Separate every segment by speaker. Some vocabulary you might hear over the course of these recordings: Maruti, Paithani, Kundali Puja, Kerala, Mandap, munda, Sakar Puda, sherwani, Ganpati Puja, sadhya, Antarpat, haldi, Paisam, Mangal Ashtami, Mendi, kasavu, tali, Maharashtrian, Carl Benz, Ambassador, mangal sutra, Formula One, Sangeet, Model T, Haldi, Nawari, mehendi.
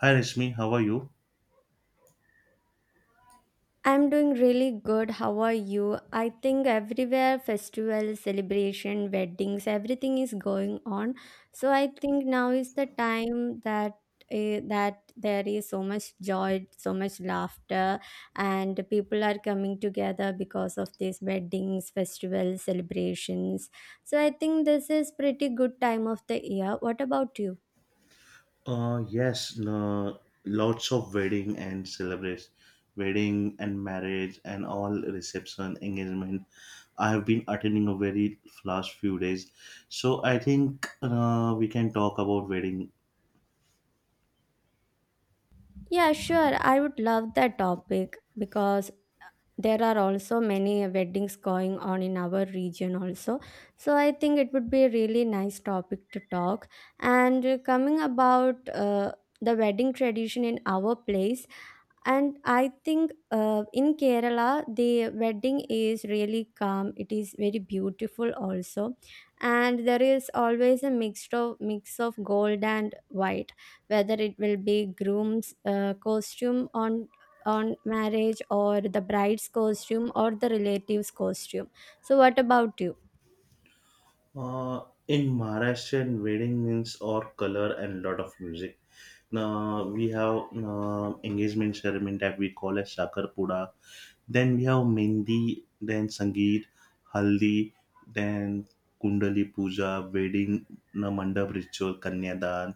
Speaker 1: Hi Rashmi, how are you?
Speaker 2: I'm doing really good. How are you? I think everywhere festival, celebration, weddings, everything is going on. So I think now is the time that that there is so much joy, so much laughter, and people are coming together because of these weddings, festivals, celebrations. So I think this is pretty good time of the year. What about you?
Speaker 1: Yes, no, lots of wedding and celebrate wedding and marriage and all reception engagement. I have been attending a very last few days, so I think we can talk about wedding.
Speaker 2: Yeah, sure. I would love that topic because there are also many weddings going on in our region also, so I think it would be a really nice topic to talk, and coming about, the wedding tradition in our place. And I think, in Kerala, the wedding is really calm. It is very beautiful also. And there is always a mix of gold and white, whether it will be groom's costume on marriage or the bride's costume or the relative's costume. So what about you?
Speaker 1: In Maharashtrian wedding means all color and lot of music. Now we have engagement ceremony that we call as Sakar Puda, then we have Mendi, then Sangeet, Haldi, then Kundali Puja, Wedding na Mandap Ritual, Kanyadan,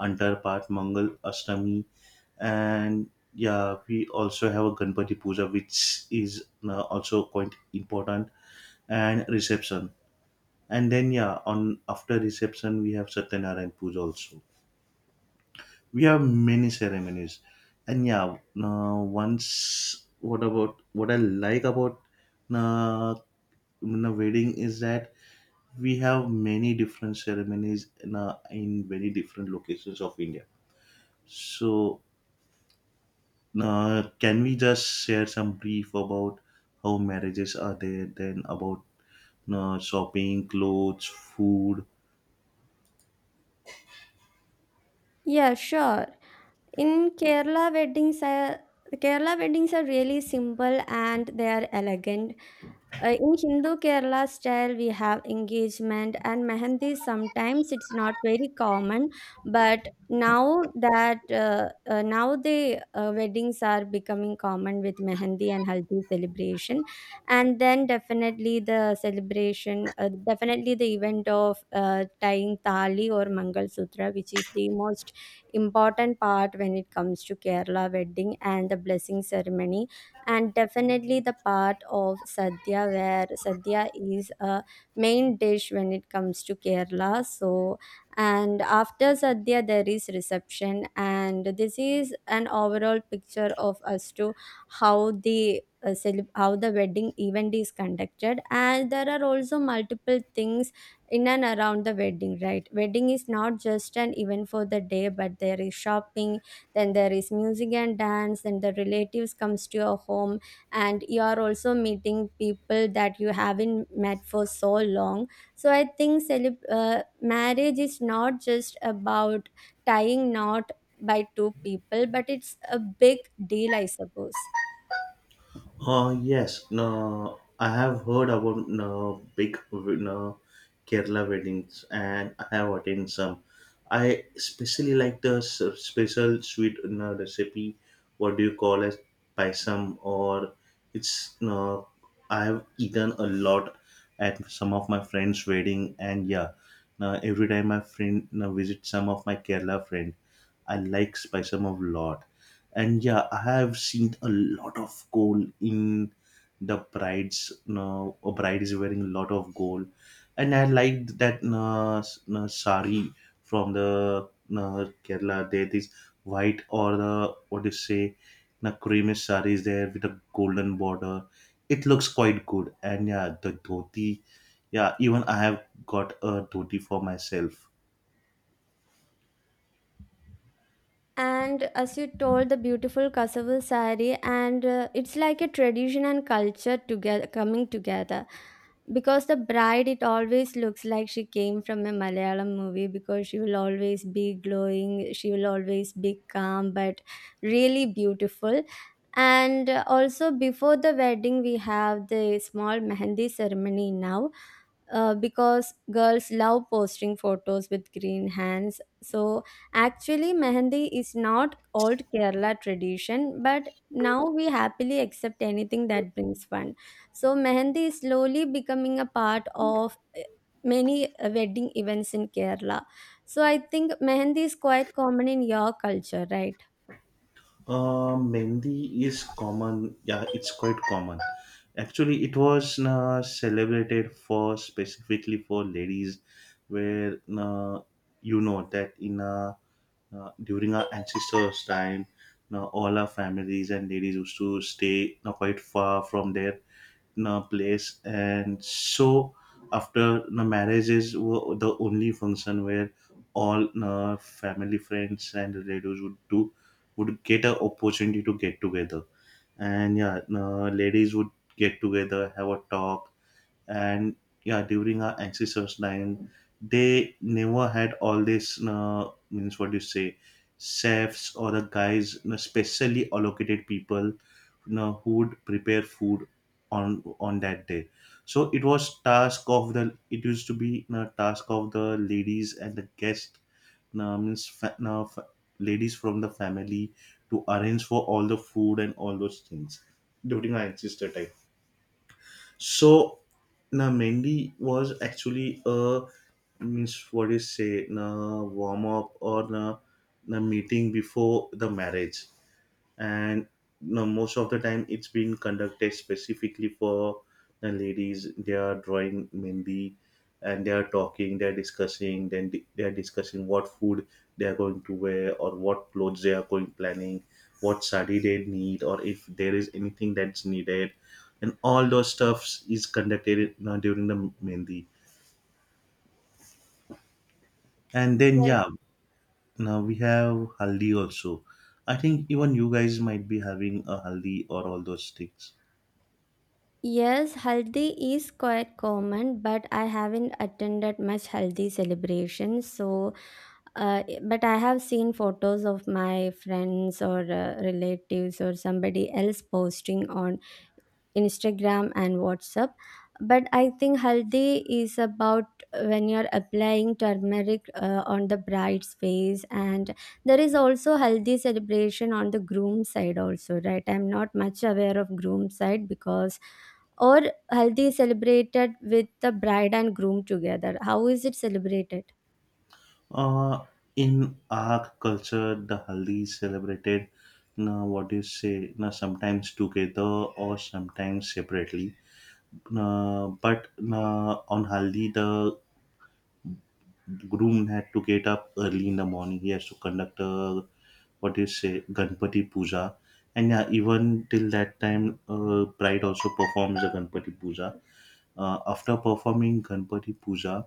Speaker 1: Antarpat, Mangal Ashtami, and yeah, we also have a Ganpati Puja, which is also quite important, and reception. And then yeah, on after reception we have Satyanarayan Puja also, we have many ceremonies, and yeah, now once what about what I like about uh, the wedding is that we have many different ceremonies in very different locations of india, so can we just share some brief about how marriages are there, then about shopping, clothes, food.
Speaker 2: Yeah, sure. In Kerala weddings are really simple and they are elegant. In Hindu Kerala style, we have engagement and mehendi. Sometimes it's not very common, but now that now the weddings are becoming common with mehendi and haldi celebration, and then definitely the celebration, definitely the event of tying tali or mangal sutra, which is the most important part when it comes to Kerala wedding, and the blessing ceremony, and definitely the part of sadhya, where sadhya is a main dish when it comes to Kerala. So, and after sadhya there is reception, and this is an overall picture of as to how the how the wedding event is conducted. And there are also multiple things in and around the wedding, right? Wedding is not just an event for the day, but there is shopping, then there is music and dance, then the relatives comes to your home, and you are also meeting people that you haven't met for so long. So I think marriage is not just about tying knot by two people, but it's a big deal, I suppose.
Speaker 1: Yes, no, I have heard about no big no Kerala weddings, and I have attended some. I especially like the special sweet no, recipe. What do you call it? Paisam, or it's no. I have eaten a lot at some of my friends' wedding, and yeah, now every time my friend no, visit some of my Kerala friends. I like spice of lot. And yeah, I have seen a lot of gold in the bride's. No, a bride is wearing a lot of gold, and I like that no, no, sari from the no, Kerala. There is white or the what do you say, no, creamy sari is there with a golden border. It looks quite good, and yeah, the dhoti. Yeah, even I have got a dhoti for myself.
Speaker 2: And as you told, the beautiful kasavu sari, and it's like a tradition and culture together coming together. Because the bride, it always looks like she came from a Malayalam movie, because she will always be glowing, she will always be calm, but really beautiful. And also, before the wedding, we have the small mehendi ceremony now, because girls love posting photos with green hands. So actually, mehendi is not old Kerala tradition, but now we happily accept anything that brings fun. So mehendi is slowly becoming a part of many wedding events in Kerala. So I think mehendi is quite common in your culture, right?
Speaker 1: Mehndi is common. Yeah, it's quite common. Actually, it was celebrated for specifically for ladies, where you know that in during our ancestors' time, all our families and ladies used to stay quite far from their place, and so after the marriages were the only function where all family friends and relatives would get an opportunity to get together, and yeah, ladies would get together, have a talk, and yeah, during our ancestors time they never had all this means, what do you say, chefs or the guys specially allocated people who would prepare food on that day. So it was task of the, it used to be task of the ladies and the guest, means ladies from the family to arrange for all the food and all those things during our ancestor time. So na Mendy was actually a, means what is say, na warm up, or na meeting before the marriage. And most of the time it's been conducted specifically for the ladies. They are drawing mendi and they are talking, they are discussing, then they are discussing what food they are going to wear or what clothes they are going planning, what sari they need, or if there is anything that's needed, and all those stuffs is conducted now during the mendi. And then
Speaker 2: Yes.
Speaker 1: yeah, now we have haldi also. I think even you guys might be having a haldi or all those things.
Speaker 2: Yes, haldi is quite common, but I haven't attended much haldi celebrations. So but I have seen photos of my friends or relatives or somebody else posting on Instagram and WhatsApp. But I think haldi is about when you're applying turmeric on the bride's face, and there is also haldi celebration on the groom side also, right? I'm not much aware of groom side because, or haldi is celebrated with the bride and groom together. How is it celebrated?
Speaker 1: Uh, in our culture, the haldi is celebrated, na, what do you say, na, sometimes together or sometimes separately. Na, but na, on haldi, the groom had to get up early in the morning. He has to conduct a, what do you say, Ganpati Puja. And yeah, even till that time, bride also performs the Ganpati Puja. After performing Ganpati Puja,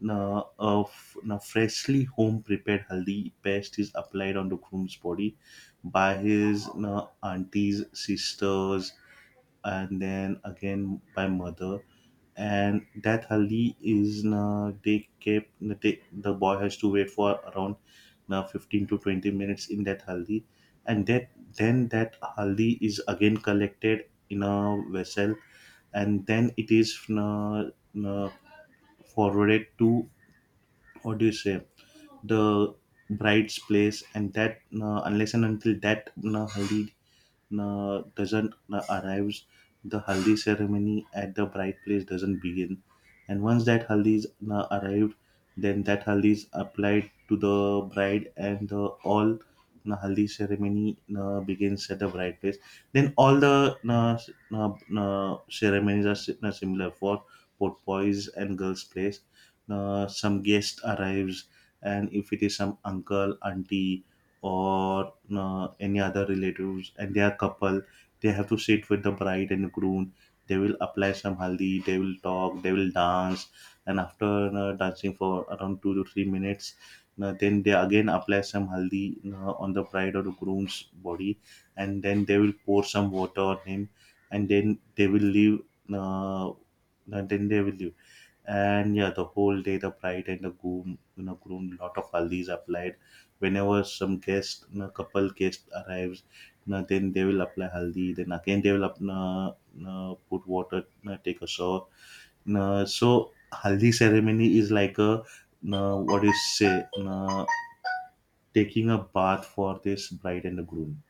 Speaker 1: na, of na freshly home prepared haldi paste is applied on the groom's body by his na, aunties, sisters, and then again by mother. And that haldi is na, they kept na, they, the boy has to wait for around na, 15 to 20 minutes in that haldi, and that then that haldi is again collected in a vessel, and then it is na, na, forwarded to, what do you say, the bride's place, and that unless and until that haldi doesn't arrives, the haldi ceremony at the bride place doesn't begin. And once that haldi is arrived, then that haldi is applied to the bride, and the all haldi ceremony begins at the bride place. Then all the ceremonies are similar for both boys and girls' place. Some guest arrives, and if it is some uncle, auntie, or any other relatives, and they are couple, they have to sit with the bride and groom. They will apply some haldi, they will talk, they will dance, and after dancing for around 2 to 3 minutes, then they again apply some haldi on the bride or the groom's body, and then they will pour some water on him, and then they will leave, uh, and then they will leave. And yeah, the whole day the bride and the groom, groom, lot of haldi's applied whenever some guest, couple guest arrives, then they will apply haldi, then again they will put water, take a shower, so haldi ceremony is like a, what is say, taking a bath for this bride and the groom.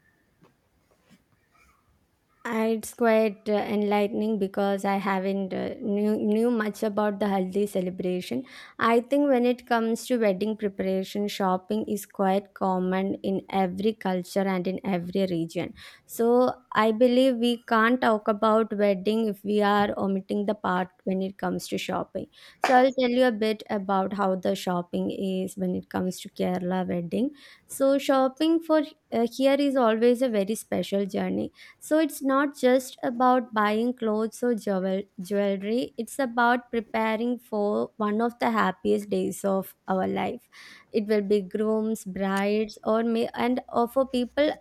Speaker 2: It's quite enlightening because I haven't knew much about the Haldi celebration. I think when it comes to wedding preparation, shopping is quite common in every culture and in every region. So I believe we can't talk about wedding if we are omitting the part when it comes to shopping. So I'll tell you a bit about how the shopping is when it comes to Kerala wedding. So shopping for, here is always a very special journey. So it's not just about buying clothes or jewelry, it's about preparing for one of the happiest days of our life. It will be grooms, brides, or may, and or for people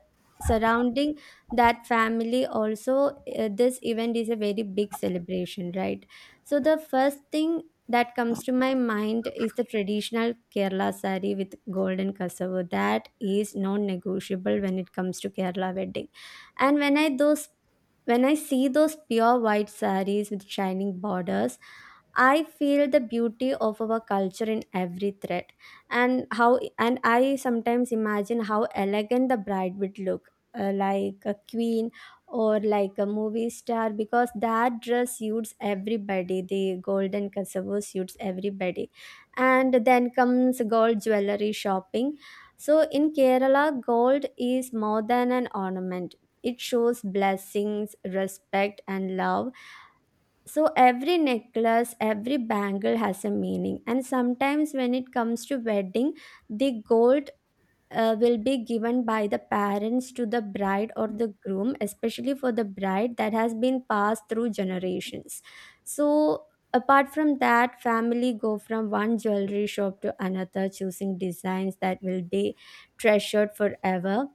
Speaker 2: surrounding that family also. Uh, this event is a very big celebration, right? So the first thing that comes to my mind is the traditional Kerala sari with golden cassava. That is non negotiable when it comes to Kerala wedding. And when I see those pure white sarees with shining borders, I feel the beauty of our culture in every thread. And how and I sometimes imagine how elegant the bride would look, like a queen or like a movie star, because that dress suits everybody, the golden cassava suits everybody. And then comes gold jewelry shopping. So in Kerala, gold is more than an ornament. It shows blessings, respect, and love. So every necklace, every bangle has a meaning. And sometimes when it comes to wedding, the gold will be given by the parents to the bride or the groom, especially for the bride, that has been passed through generations. So apart from that, family go from one jewelry shop to another, choosing designs that will be treasured forever.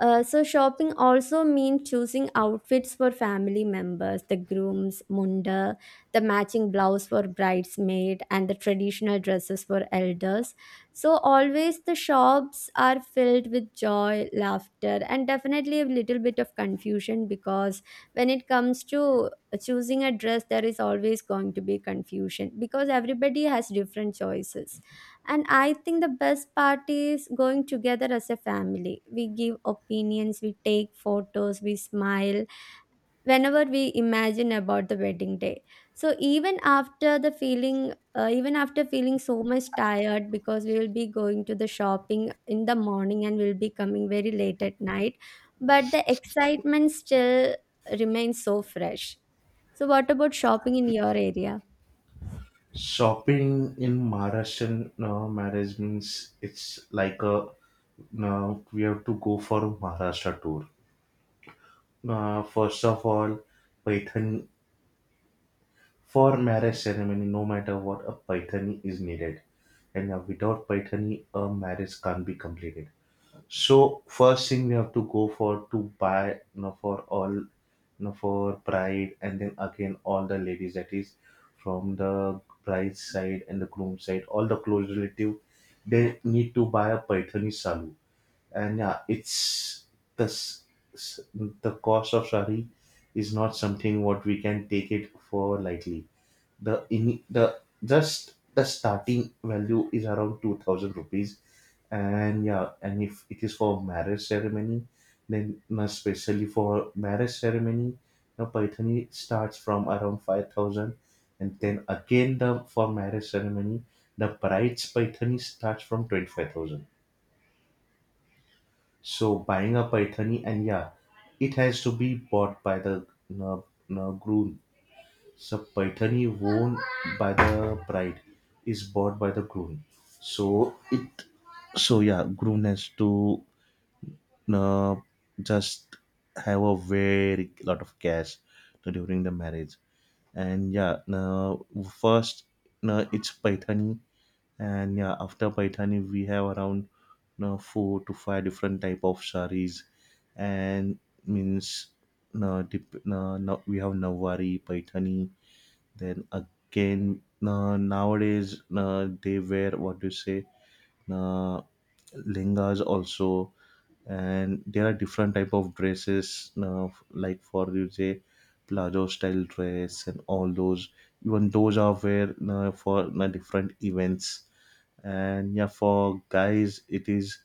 Speaker 2: Uh, so shopping also means choosing outfits for family members, the groom's munda, the matching blouse for bridesmaid, and the traditional dresses for elders. So always the shops are filled with joy, laughter, and definitely a little bit of confusion, because when it comes to choosing a dress, there is always going to be confusion because everybody has different choices. And I think the best part is going together as a family. We give opinions, we take photos, we smile whenever we imagine about the wedding day. So even after feeling so much tired, because we will be going to the shopping in the morning and we'll be coming very late at night, but the excitement still remains so fresh. So what about shopping in your area?
Speaker 1: Shopping in Maharashtrian marriage means it's like a, now we have to go for a Maharashtra tour. First of all, Python. For marriage ceremony, no matter what, a Pythony is needed, and without Pythony, a marriage can't be completed. So first thing we have to go for to buy, for all, for bride, and then again all the ladies, that is from the bride's side and the groom side, all the close relative, they need to buy a Pythony salu. And yeah, it's the s- s- the cost of sari is not something what we can take it for lightly. The in the just the starting value is around 2,000 rupees, and yeah, and if it is for marriage ceremony, then now especially for marriage ceremony, now Paithani starts from around 5,000, and then again the for marriage ceremony, the bride's Paithani starts from 25,000. So buying a paithani, and yeah, it has to be bought by the uh, groom. So paithani worn by the bride is bought by the groom. So it, so yeah, groom has to uh, just have a very lot of cash during the marriage. And yeah, first it's paithani, and yeah, after paithani we have around, 4 to 5 different type of saris, and means, no, dip, no, no, we have Nawari, Paithani. Then again, no, nowadays no, they wear what do you say? uh, Lengas also, and there are different type of dresses like for you say plazo style dress and all those, even those are where for different events. And yeah, for guys it is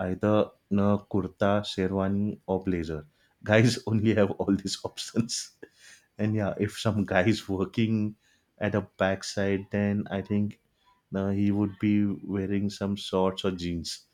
Speaker 1: either kurta, sherwani, or blazer. Guys only have all these options and yeah, if some guy is working at a backside, then I think he would be wearing some shorts or jeans.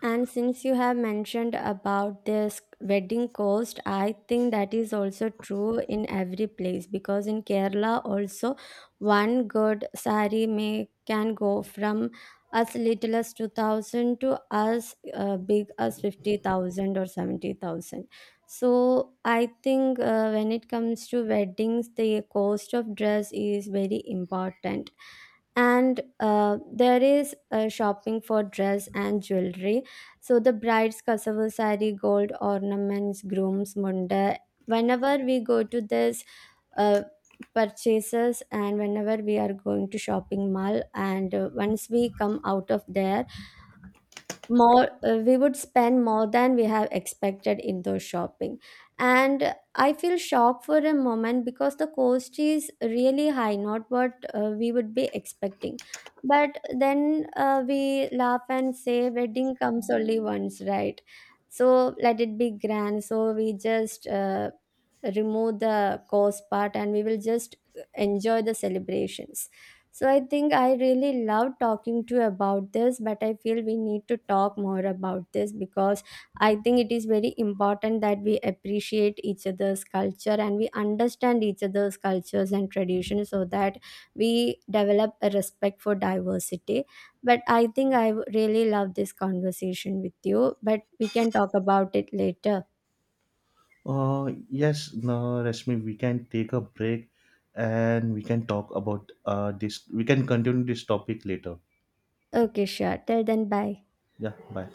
Speaker 2: And since you have mentioned about this wedding cost, I think that is also true in every place, because in Kerala also one good sari may can go from as little as 2000 to as big as 50,000 or 70,000. So I think, when it comes to weddings, the cost of dress is very important. And there is, shopping for dress and jewelry, so the bride's kasavu sari, gold ornaments, groom's munda, whenever we go to this uh, purchases, and whenever we are going to shopping mall, and once we come out of there, more we would spend more than we have expected in those shopping. And I feel shocked for a moment because the cost is really high, not what we would be expecting. But then, we laugh and say wedding comes only once, right? So let it be grand. So we just remove the cost part, and we will just enjoy the celebrations. So I think I really love talking to you about this, but I feel we need to talk more about this because I think it is very important that we appreciate each other's culture and we understand each other's cultures and traditions, so that we develop a respect for diversity. But I think I really love this conversation with you, but we can talk about it later.
Speaker 1: Yes, no, Rashmi, we can take a break and we can talk about this. We can continue this topic later.
Speaker 2: Okay, sure. Till then, bye.
Speaker 1: Yeah, bye.